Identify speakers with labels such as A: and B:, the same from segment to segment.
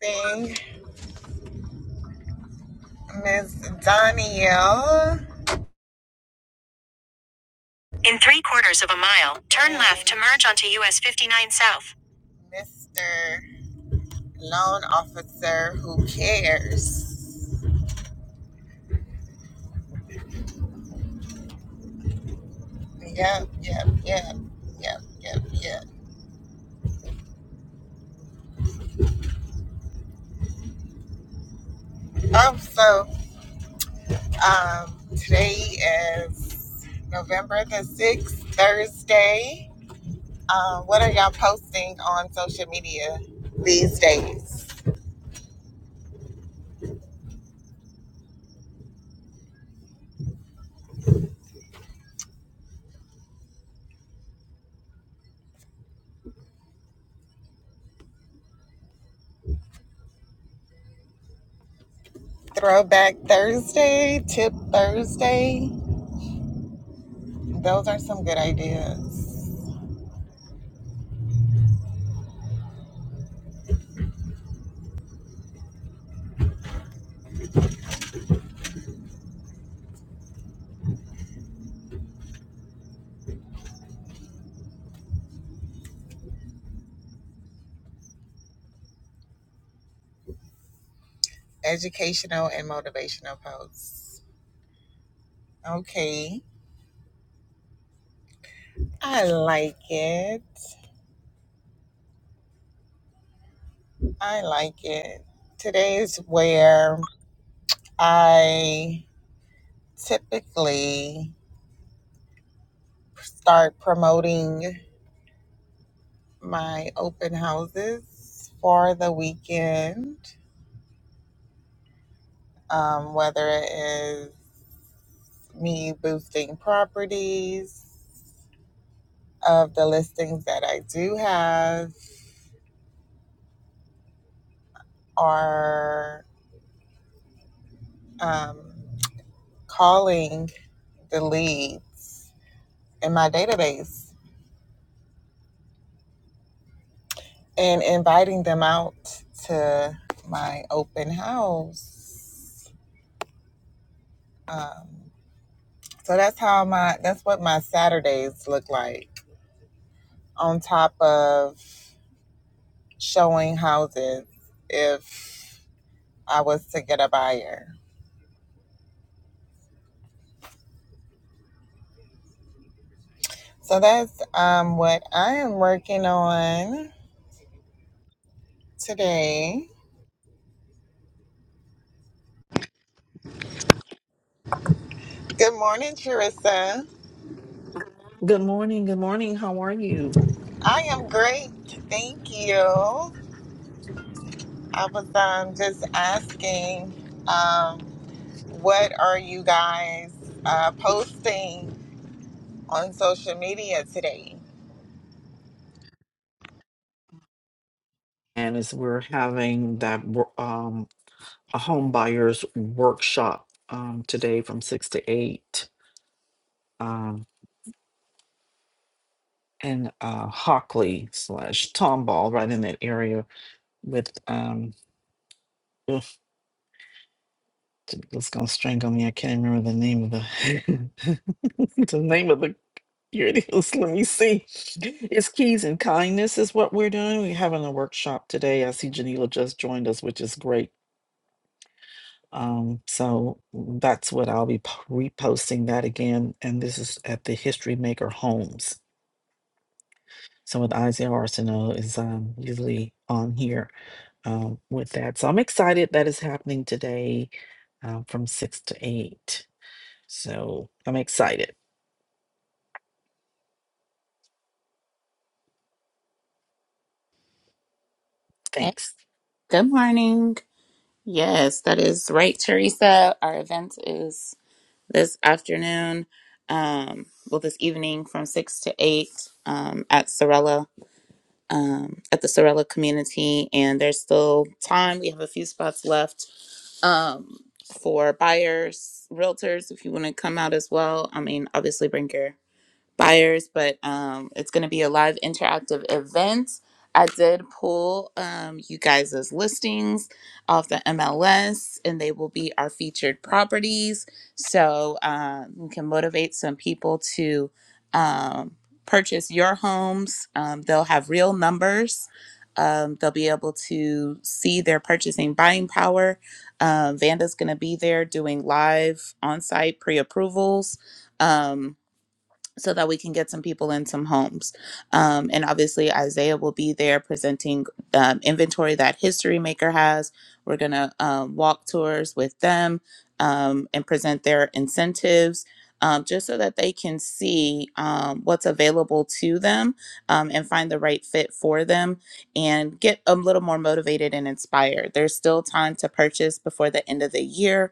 A: thing, Miss Danielle. In three quarters of a mile, turn left to merge onto US 59 South. Mr. Loan Officer Who Cares. Yep, yep, yep, yep, yep, yep. Um, so um, today is November the 6th, Thursday. Um, what are y'all posting on social media these days? Throwback Thursday, Tip Thursday. Those are some good ideas. Educational and motivational posts. Okay. I like it. I like it. Today is where I typically start promoting my open houses for the weekend, um, whether it is me boosting properties of the listings that I do have are um, calling the leads in my database and inviting them out to my open house. Um, so that's how my that's what my Saturdays look like. On top of showing houses, if I was to get a buyer. So that's um, what I am working on today. Good morning, Charissa.
B: Good morning. Good morning. How are you?
A: I am great. Thank you. I was um, just asking, um, what are you guys uh, posting on social media today?
B: And as we're having that wo- um, a home buyers workshop um, today from six to eight, um, and uh, Hockley slash Tomball, right in that area with um, ugh, it's gonna strangle me. I can't remember the name of the the name of the here it is. Let me see. It's Keys and Kindness is what we're doing. We're having a workshop today. I see Janila just joined us, which is great. Um, so mm, that's what I'll be po- reposting that again. And this is at the History Maker Homes. So with Isaiah Arsenault is um, usually on here um, with that. So I'm excited that is happening today um, from six to eight. So I'm excited.
C: Hey,
B: Thanks.
C: good morning. Yes, that is right, Teresa. Our event is this afternoon, um, well, this evening from 6 to 8 um, at Sorella, um, at the Sorella community. And there's still time. We have a few spots left um, for buyers, realtors, if you want to come out as well. I mean, obviously, bring your buyers, but um, it's going to be a live interactive event. I did pull um, you guys' listings off the MLS, and they will be our featured properties. So uh, we can motivate some people to um, purchase your homes. Um, they'll have real numbers. Um, they'll be able to see their purchasing buying power. Um, Vanda's going to be there doing live on site pre approvals so that we can get some people in some homes. Um, and obviously, Isaiah will be there presenting um, inventory that History Maker has. We're going to um, walk tours with them um, and present their incentives. Um, just so that they can see um, what's available to them um, and find the right fit for them and get a little more motivated and inspired. There's still time to purchase before the end of the year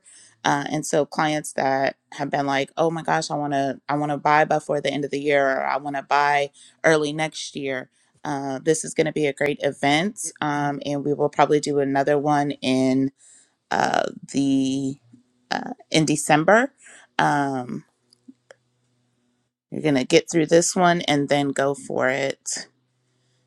C: uh, and so clients that have been like, "Oh my gosh, I want to, I want to buy before the end of the year, or I want to buy early next year." Uh, this is going to be a great event, um, and we will probably do another one in uh, the uh, in December. Um, you're going to get through this one and then go for it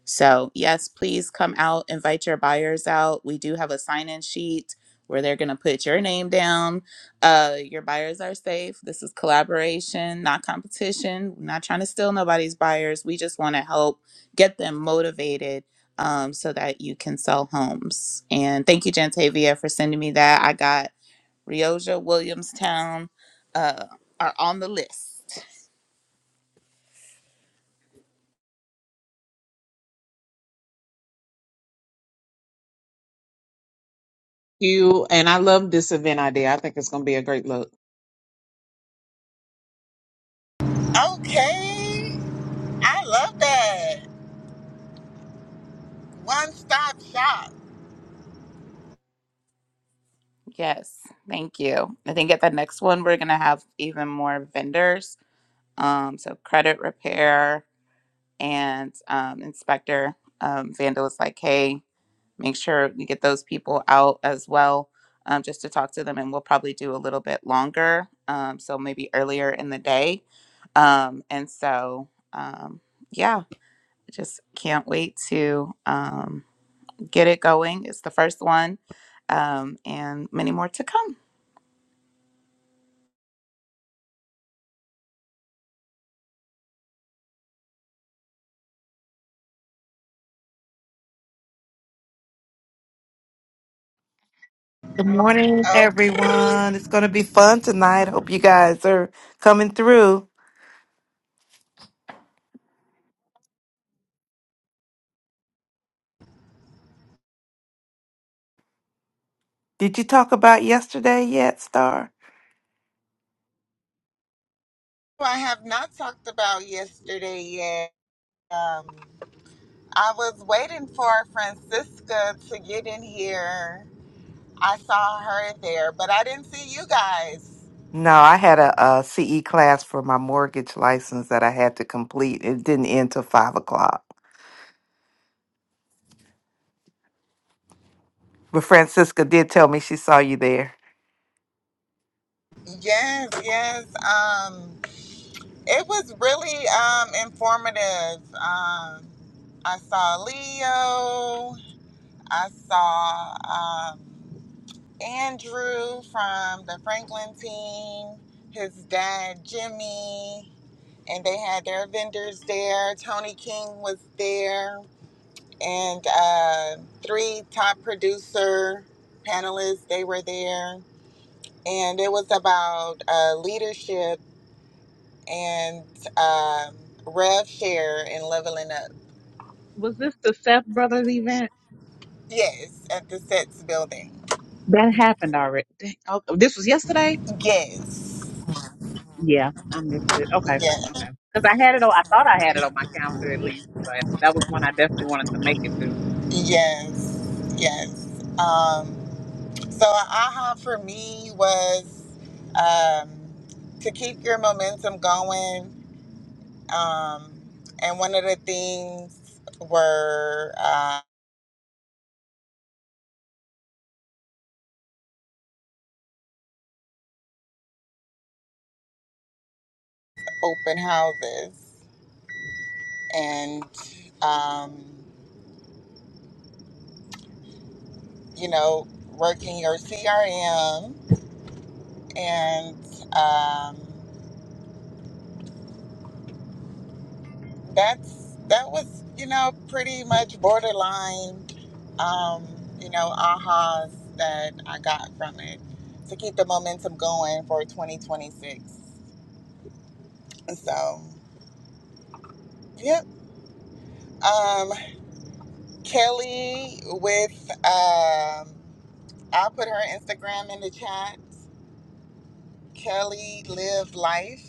C: so, yes, please come out, invite your buyers out. We do have a sign in sheet where they're going to put your name down. Uh, your buyers are safe. This is collaboration, not competition. We're not trying to steal nobody's buyers. We just want to help get them motivated um, so that you can sell homes. And thank you, Jantavia, for sending me that. I got Rioja, Williamstown uh, are on the list.
D: you. And I love this event idea. I think it's going to be a great look.
A: Okay. I love that. One stop shop.
C: Yes, thank you. I think at the next one, we're going to have even more vendors Um, so credit repair and um, inspector um, Vandal was like, hey, make sure we get those people out as well, um, just to talk to them, and we'll probably do a little bit longer, um, so maybe earlier in the day. Um, and so, um, yeah, just can't wait to um, get it going. It's the first one, um, and many more to come.
E: Good morning,
A: Okay.
E: everyone. It's going to be fun tonight. Hope you guys are coming through. Did you talk about yesterday yet, Star?
A: I have not talked about yesterday yet. Um, I was waiting for Francisca to get in here. I saw her there, but I didn't see you guys.
E: No, I had a, CE class for my mortgage license that I had to complete. It didn't end till five o'clock. But Francisca did tell me she saw you there.
A: Yes, yes. Um, it was really um, informative. Um, I saw Leo. I saw um, Andrew from the Franklin team, his dad Jimmy, and they had their vendors there. Tony King was there, and uh, three top producer panelists. They were there, and it was about uh, leadership and um, Rev Share and Leveling Up.
D: Was this the Seth Brothers event?
A: Yes, at the Sets Building.
D: That happened already. Dang, oh, this was yesterday?
A: Yes,
D: Yeah, I missed it. Okay.
A: yes,
D: Okay. Because I had it on, I thought I had it on my calendar at least, but that was one I definitely wanted to make it to.
A: yes, yes. Um, so, a aha for me was um, to keep your momentum going. Um, and one of the things were uh, open houses and, um, you know, working your CRM and um, that's that was you know pretty much borderline um, you know ahas that I got from it to keep the momentum going for 2026. So yep, um, Kelly with um, I'll put her Instagram in the chat. Kelly lived life.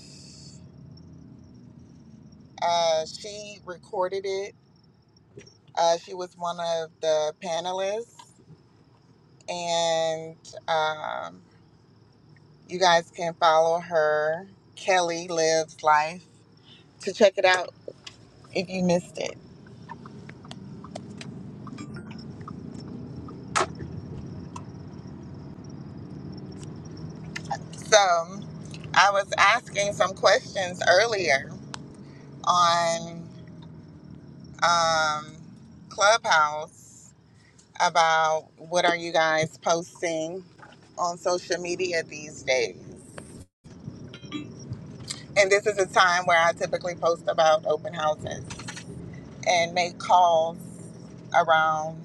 A: Uh, she recorded it. Uh, she was one of the panelists and um, you guys can follow her. Kelly lives life to check it out if you missed it. So I was asking some questions earlier on um, Clubhouse about what are you guys posting on social media these days. And this is a time where I typically post about open houses and make calls around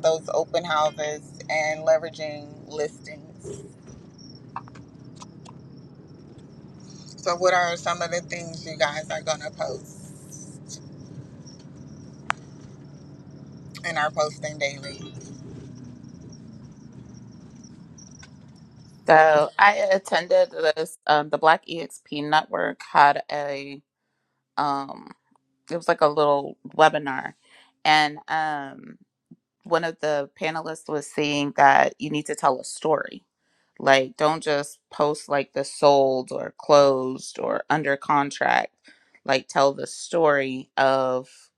A: those open houses and leveraging listings. So, what are some of the things you guys are going to post and are posting daily?
C: So I attended this. Um, the Black EXP Network had a um, it was like a little webinar and um one of the panelists was saying that you need to tell a story like don't just post like the sold or closed or under contract like tell the story of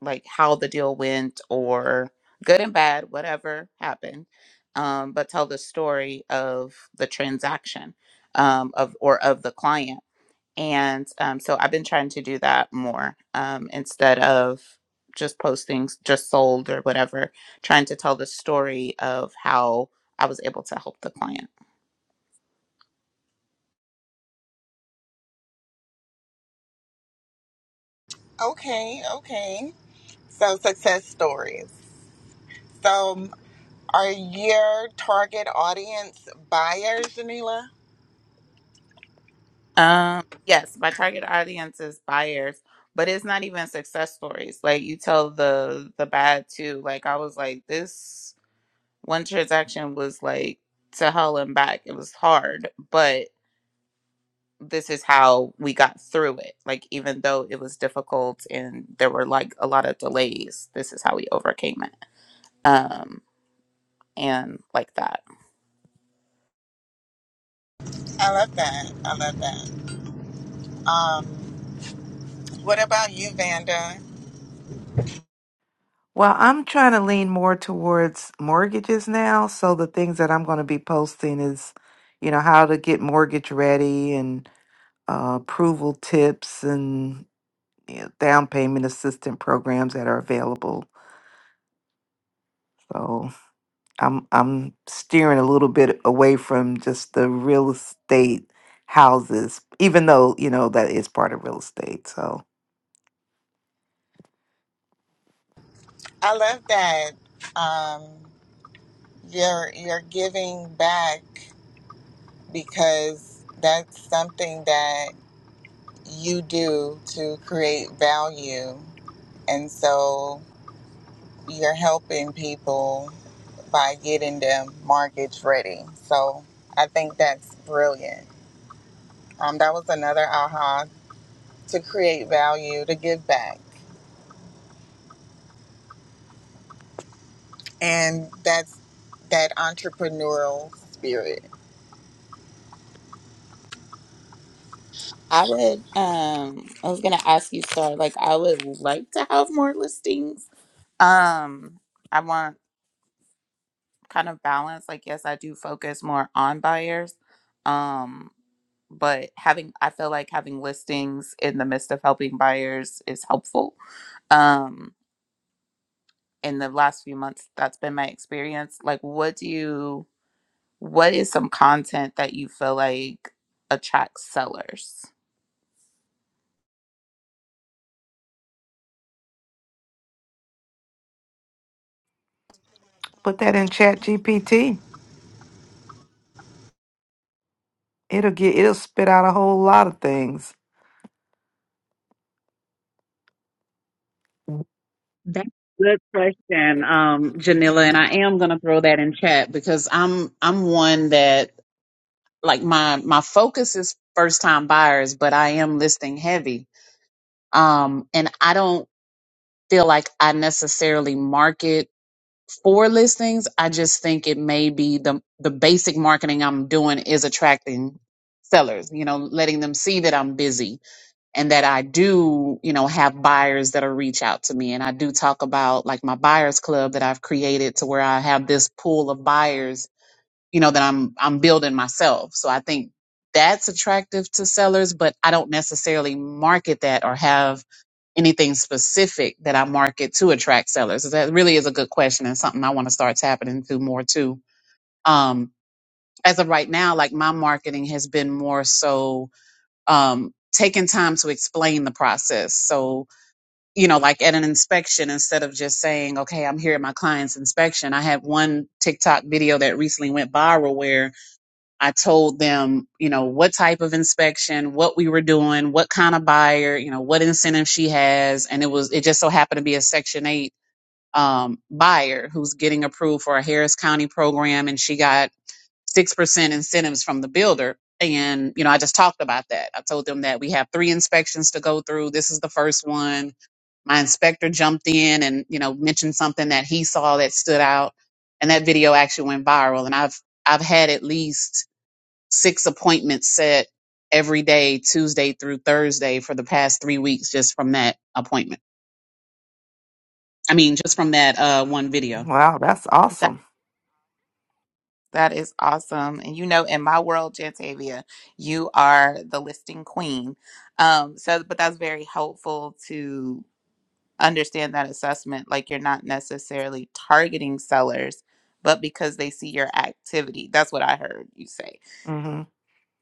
C: like how the deal went or good and bad whatever happened um but tell the story of the transaction um of or of the client and um, so I've been trying to do that more um, instead of just posting just sold or whatever, trying to tell the story of how I was able to help the client.
A: Okay, okay. So, success stories. So, are your target audience buyers, Janila?
C: Um, yes, my target audience is buyers, but it's not even success stories. Like you tell the the bad too. Like I was like this one transaction was like to hell and back. It was hard, but. this is how we got through it. Like, even though it was difficult and there were like a lot of delays, this is how we overcame it. Um, and like that.
A: I love that. I love that. Um, what about you, Vanda?
E: Well, I'm trying to lean more towards mortgages now. So the things that I'm going to be posting is, you know, how to get mortgage ready and uh, approval tips and you know, down payment assistance programs that are available. So I'm I'm steering a little bit away from just the real estate houses, even though you know that is part of real estate. So
A: I love that um, you're you're giving back because that's something that you do to create value. And so you're helping people by getting them mortgage ready. So I think that's brilliant. Um, that was another aha to create value, to give back. And that's that entrepreneurial spirit.
C: I would, um, I was gonna ask you, Star, like, I would like to have more listings. Um, I want kind of balance. Like, yes, I do focus more on buyers. Um, but having, I feel like having listings in the midst of helping buyers is helpful. Um, in the last few months that's been my experience like what do you what is some content that you feel like attracts sellers
E: put that in Chat GPT. It'll get it'll spit out a whole lot of things.
D: That's a good question, um, Janilla. And I am going to throw that in chat because I'm, I'm one that like my, my focus is first time buyers, but I am listing heavy. Um, and I don't feel like I necessarily market for listings. I just think it may be the the basic marketing I'm doing is attracting sellers, you know, letting them see that I'm busy and that I do, you know, have buyers that'll reach out to me. And I do talk about like my buyers club that I've created to where I have this pool of buyers you know that i'm i'm building myself so i think that's attractive to sellers but i don't necessarily market that or have anything specific that i market to attract sellers so that really is a good question and something i want to start tapping into more too um as of right now like my marketing has been more so um taking time to explain the process so you know, like at an inspection, instead of just saying, okay, I'm here at my client's inspection, I had one TikTok video that recently went viral where I told them, you know, what type of inspection, what we were doing, what kind of buyer, you know, what incentive she has. And it was, it just so happened to be a Section 8 um, buyer who's getting approved for a Harris County program. And she got 6% incentives from the builder. And, you know, I just talked about that. I told them that we have three inspections to go through. This is the first one. My inspector jumped in and, you know, mentioned something that he saw that stood out. And that video actually went viral. And I've, I've had at least six appointments set every day, Tuesday through Thursday, for the past three weeks, just from that appointment. I mean, just from that uh, one video.
E: Wow, that's
C: that
E: awesome.
C: that is awesome and you know in my world jantavia you are the listing queen um so but that's very helpful to understand that assessment like you're not necessarily targeting sellers but because they see your activity that's what i heard you say
E: hmm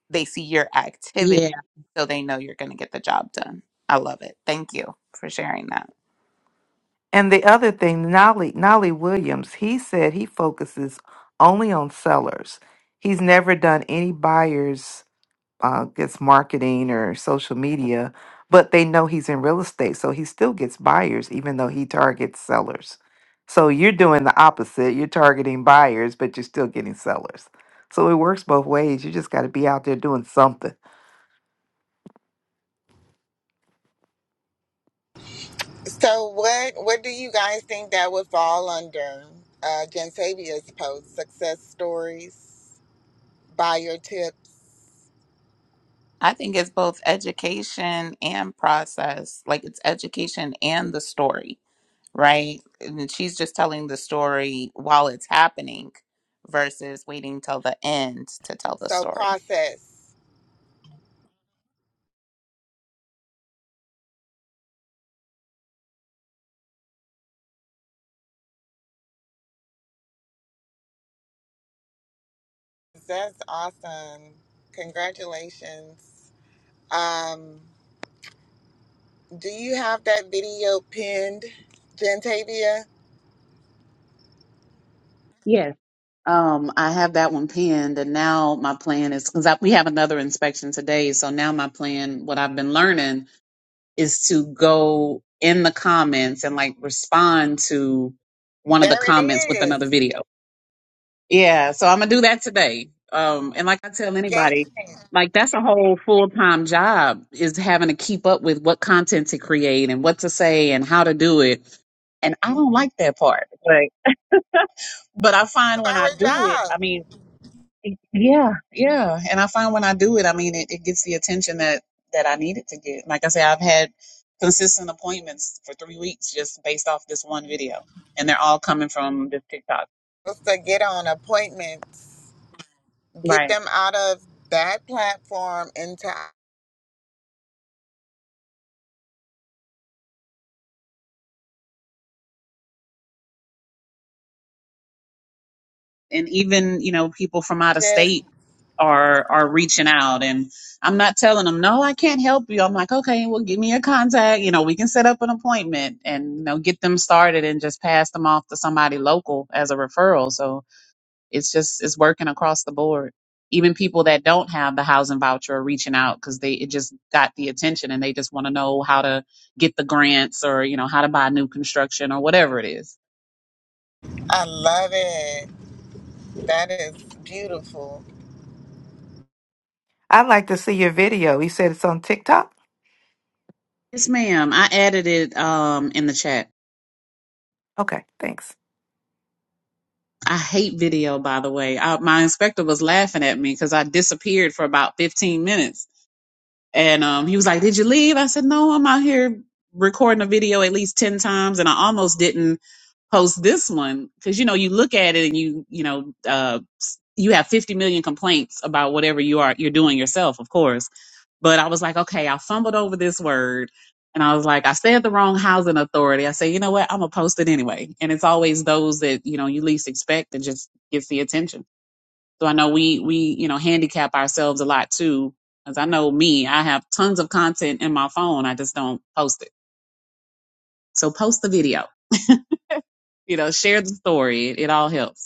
C: they see your activity
D: Yeah.
C: so they know you're going to get the job done. I love it. Thank you for sharing that.
E: And the other thing, Nolly, Nolly Williams, he said he focuses only on sellers. He's never done any buyers, uh, gets marketing or social media, but they know he's in real estate, so he still gets buyers, even though he targets sellers. So you're doing the opposite. You're targeting buyers, but you're still getting sellers. So it works both ways. You just got to be out there doing something.
A: So what what do you guys think that would fall under uh Gensavia's post? Success stories, buyer tips,
C: I think it's both education and process. Like it's education and the story, right? And she's just telling the story while it's happening versus waiting till the end to tell the
A: so
C: story.
A: process. That's awesome. Congratulations. Um, do you have that video pinned, Gentavia?
D: Yes. Um, I have that one pinned, and now my plan is because we have another inspection today. So now my plan, what I've been learning, is to go in the comments and like respond to one of the
A: There it
D: comments with another
A: is.
D: video. Yeah, so I'm gonna do that today. Um, and like I tell anybody,
A: Engagement
D: like that's a whole full time job is having to keep up with what content to create and what to say and how to do it. And I don't like that part. Like, but I
A: of
D: find when I
A: our
D: do it,
A: job.
D: I mean, yeah, yeah. And I find when I do it, I mean, it, it gets the attention that that I need it to get. Like I say, I've had consistent appointments for three weeks just based off this one video, and they're all coming from this TikTok.
A: It's to get on appointments, get
D: Right.
A: them out of that platform into
D: And even you know people from out of
A: just.
D: state are are reaching out and I'm not telling them no I can't help you I'm like okay well give me your contact you know we can set up an appointment and you know get them started and just pass them off to somebody local as a referral so it's just it's working across the board even people that don't have the housing voucher are reaching out because they it just got the attention and they just want to know how to get the grants or you know how to buy new construction or whatever it is
A: I love it. That is beautiful.
E: I'd like to see your video. You said it's on TikTok?
D: yes ma'am I added it um in the chat
E: Okay, thanks.
D: I hate video, by the way. I, my inspector was laughing at me because I disappeared for about 15 minutes. And um, he was like, Did you leave? I said, No, I'm out here recording a video at least 10 times. And I almost didn't post this one because, you know, you look at it and you, you know, uh, you have 50 million complaints about whatever you are, you're doing yourself, of course but I was like, okay, I fumbled over this word. And I was like, I said the wrong housing authority. I said, you know what? I'm going to post it anyway. And it's always those that, you know, you least expect that just gets the attention. So I know we, we, you know, handicap ourselves a lot too. Cause I know me, I have tons of content in my phone. I just don't post it. So post the video, you know, share the story. It, it all helps.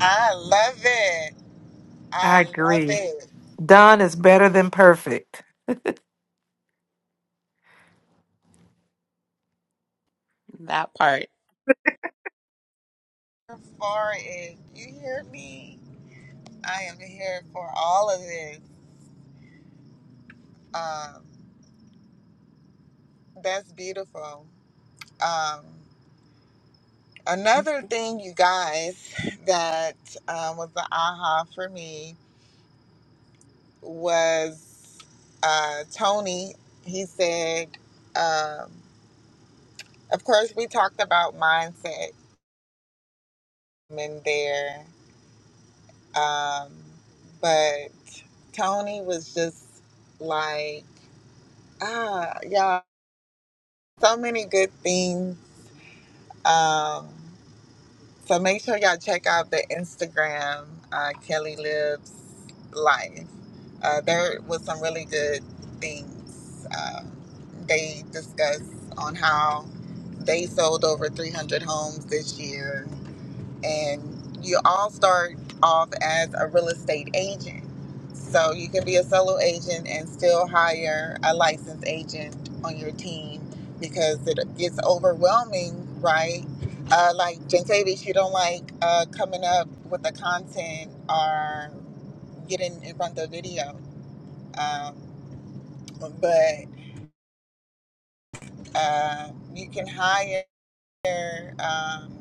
A: I love it.
E: I
A: I love
E: agree.
A: it.
E: Done is better than perfect.
C: That part
A: For it, you hear me? I am here for all of it. Um, that's beautiful. Um, another thing, you guys, that um, was the aha for me was uh, Tony. He said, um, of course, we talked about mindset in there, um, but Tony was just like, ah, y'all, so many good things. Um, So make sure y'all check out the Instagram, uh, Kelly Lives Life. Uh, there was some really good things um, they discussed on how they sold over 300 homes this year and you all start off as a real estate agent. So you can be a solo agent and still hire a licensed agent on your team because it gets overwhelming, right? Uh, like Jankavish, you don't like uh, coming up with the content or getting in front of video, um, but uh, you can hire. Um,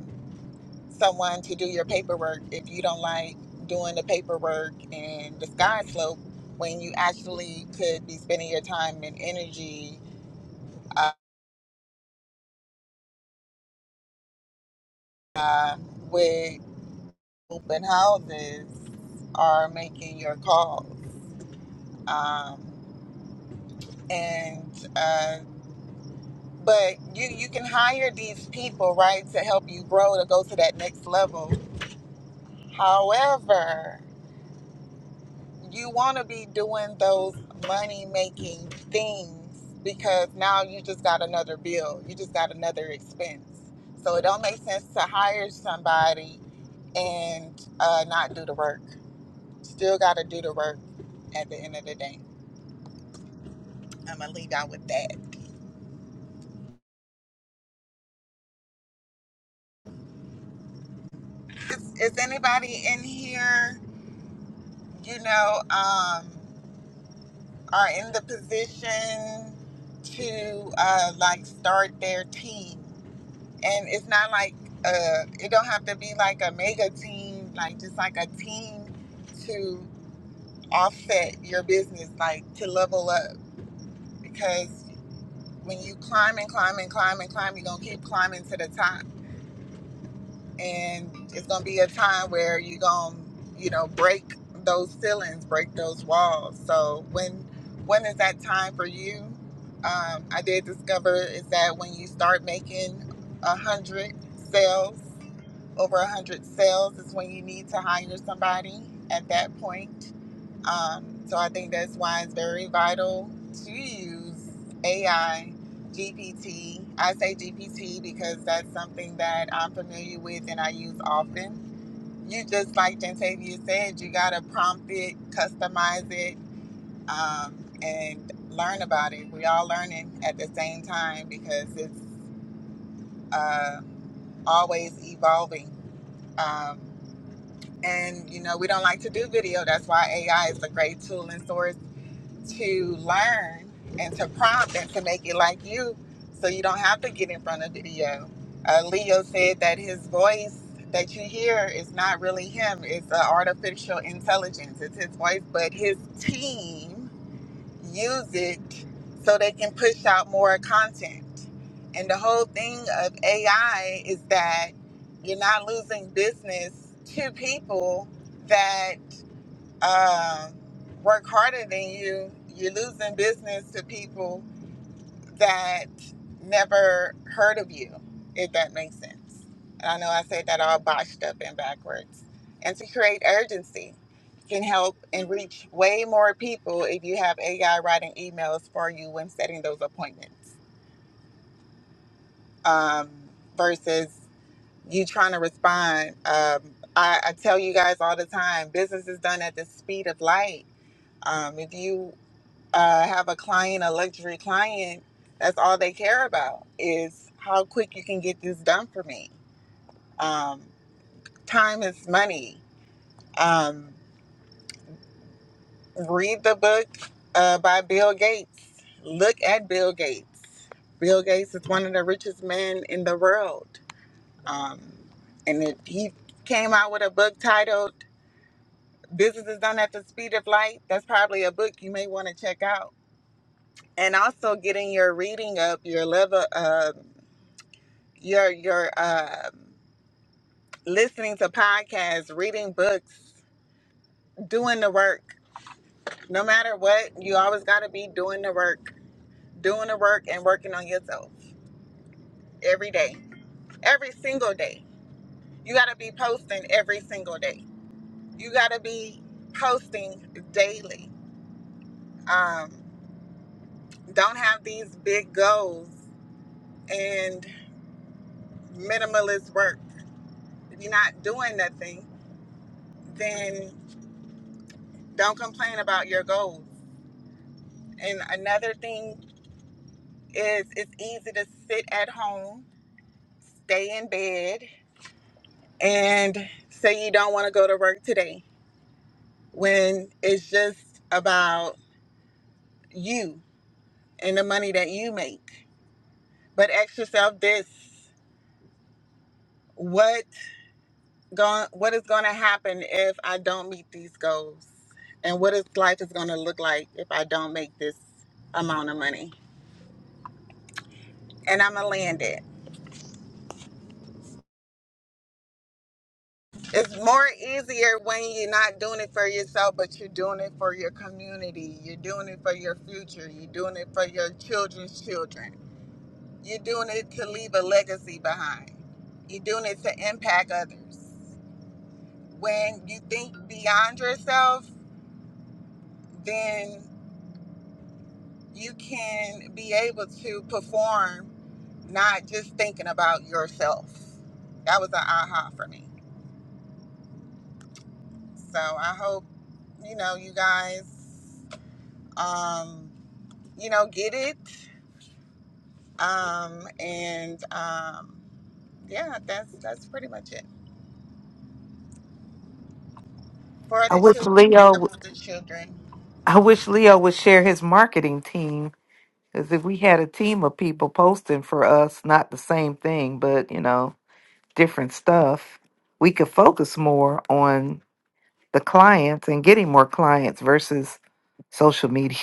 A: someone to do your paperwork if you don't like doing the paperwork and the sky slope when you actually could be spending your time and energy uh, uh, with open houses or making your calls. Um, and uh, but you you can hire these people right to help you grow to go to that next level. However. you want to be doing those money making things because now you just got another bill, you just got another expense. So it don't make sense to hire somebody and uh, not do the work. Still got to do the work at the end of the day. I'm gonna leave out with that. Is, is anybody in here, you know, um, are in the position to uh, like start their team? and it's not like uh it don't have to be like a mega team like just like a team to offset your business like to level up because when you climb and climb and climb and climb you're gonna keep climbing to the top and it's gonna be a time where you're gonna you know break those ceilings break those walls so when when is that time for you um, i did discover is that when you start making a hundred sales over 100 sales is when you need to hire somebody at that point. Um, so I think that's why it's very vital to use AI, GPT. I say GPT because that's something that I'm familiar with and I use often. You just like Gentavia said, you got to prompt it, customize it, um, and learn about it. We are all learning at the same time because it's uh, always evolving. Um, And you know, we don't like to do video. That's why AI is a great tool and source to learn and to prompt and to make it like you so you don't have to get in front of video. Uh, Leo said that his voice that you hear is not really him, it's uh, artificial intelligence. It's his voice, but his team use it so they can push out more content. And the whole thing of AI is that you're not losing business to people that uh, work harder than you. You're losing business to people that never heard of you, if that makes sense. And I know I said that all botched up and backwards. And to create urgency can help and reach way more people if you have AI writing emails for you when setting those appointments um, versus you trying to respond. Um, I, I tell you guys all the time business is done at the speed of light. Um, if you uh, I have a client, a luxury client, that's all they care about is how quick you can get this done for me. Um, time is money. Um, read the book uh, by Bill Gates. Look at Bill Gates. Bill Gates is one of the richest men in the world. Um, and it, he came out with a book titled Business is Done at the Speed of Light. That's probably a book you may want to check out. And also getting your reading up, your level up You're you're um listening to podcasts, reading books, doing the work. No matter what, you always got to be doing the work, doing the work, and working on yourself every day, every single day. You got to be posting every single day. You got to be posting daily. Um, don't have these big goals and minimalist work. If you're not doing nothing, then don't complain about your goals. And another thing is it's easy to sit at home, stay in bed, and say you don't want to go to work today when it's just about you and the money that you make. But ask yourself this what going what is going to happen if I don't meet these goals? And what is life is going to look like if I don't make this amount of money? And I'm going to land it. It's more easier when you're not doing it for yourself, but you're doing it for your community. You're doing it for your future. You're doing it for your children's children. You're doing it to leave a legacy behind. You're doing it to impact others. When you think beyond yourself, then you can be able to perform not just thinking about yourself. That was an aha for me. So I hope, you know, you guys. Um, you know, get it. Um, and um, yeah, that's that's pretty much it. For
E: I
A: the
E: wish
A: children,
E: Leo.
A: think
E: w-
A: about the children.
E: I wish Leo would share his marketing team, because if we had a team of people posting for us, not the same thing, but you know, different stuff, we could focus more on the clients and getting more clients versus social media.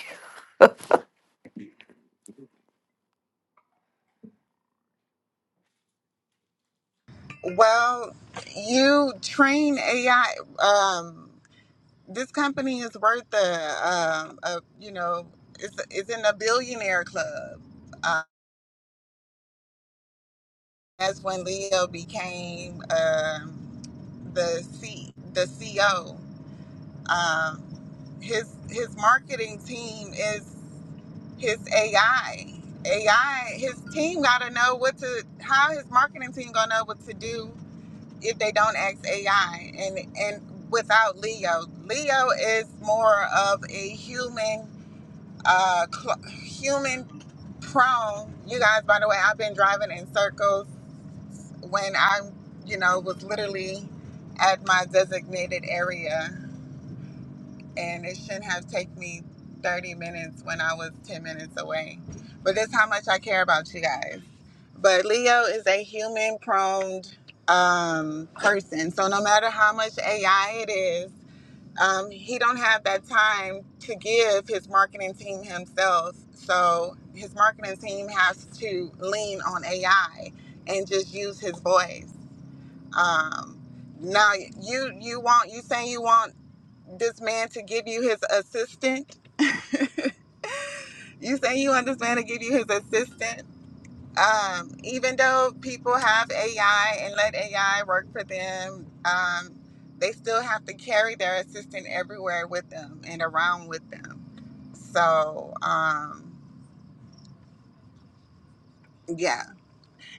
A: Well, you train AI. Um, this company is worth a, um a you know, it's, it's in a billionaire club. Uh, that's when Leo became um, the C, the CO. Um, his his marketing team is his AI. AI, his team gotta know what to how his marketing team gonna know what to do if they don't ask AI and and without Leo. Leo is more of a human uh cl- human prone. You guys, by the way, I've been driving in circles when I, you know, was literally at my designated area and it shouldn't have taken me 30 minutes when I was 10 minutes away. But that's how much I care about you guys. But Leo is a human prone um, person. So no matter how much AI it is, um, he don't have that time to give his marketing team himself. So his marketing team has to lean on AI and just use his voice. Um, now you you want you saying you want this man to give you his assistant. You say you want this man to give you his assistant. Um, even though people have AI and let AI work for them, um, they still have to carry their assistant everywhere with them and around with them. So, um, yeah.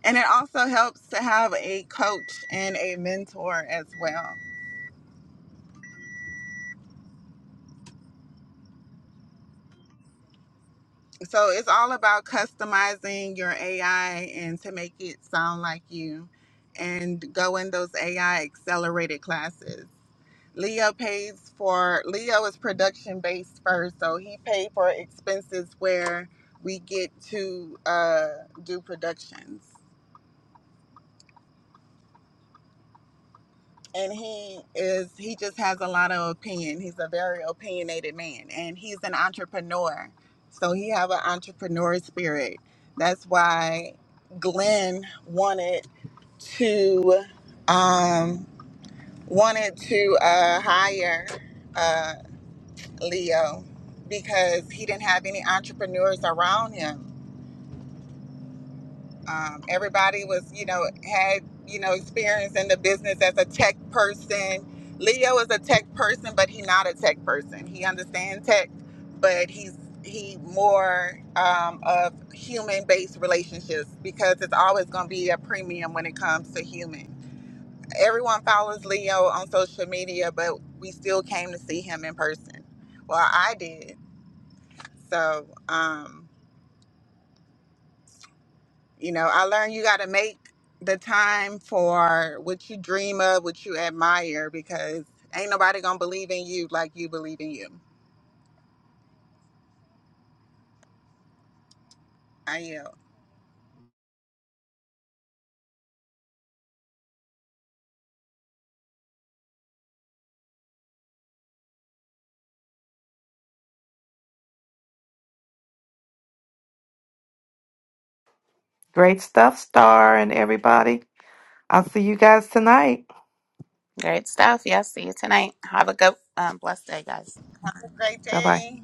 A: And it also helps to have a coach and a mentor as well So it's all about customizing your AI and to make it sound like you and go in those AI accelerated classes. Leo pays for Leo is production based first, so he paid for expenses where we get to uh, do productions. and he is he just has a lot of opinion he's a very opinionated man and he's an entrepreneur so he have an entrepreneur spirit that's why glenn wanted to um wanted to uh hire uh leo because he didn't have any entrepreneurs around him Um, everybody was, you know, had, you know, experience in the business as a tech person. Leo is a tech person, but he's not a tech person. He understands tech, but he's he more um, of human-based relationships because it's always going to be a premium when it comes to human. Everyone follows Leo on social media, but we still came to see him in person. Well, I did. So, um, You know, I learned you got to make the time for what you dream of, what you admire, because ain't nobody gonna believe in you like you believe in you. I yield.
E: Great stuff, Star and everybody. I'll see you guys tonight.
C: Great stuff. Yeah, see you tonight. Have a good, um, blessed day, guys.
A: Have a Great
E: Bye bye.
A: day.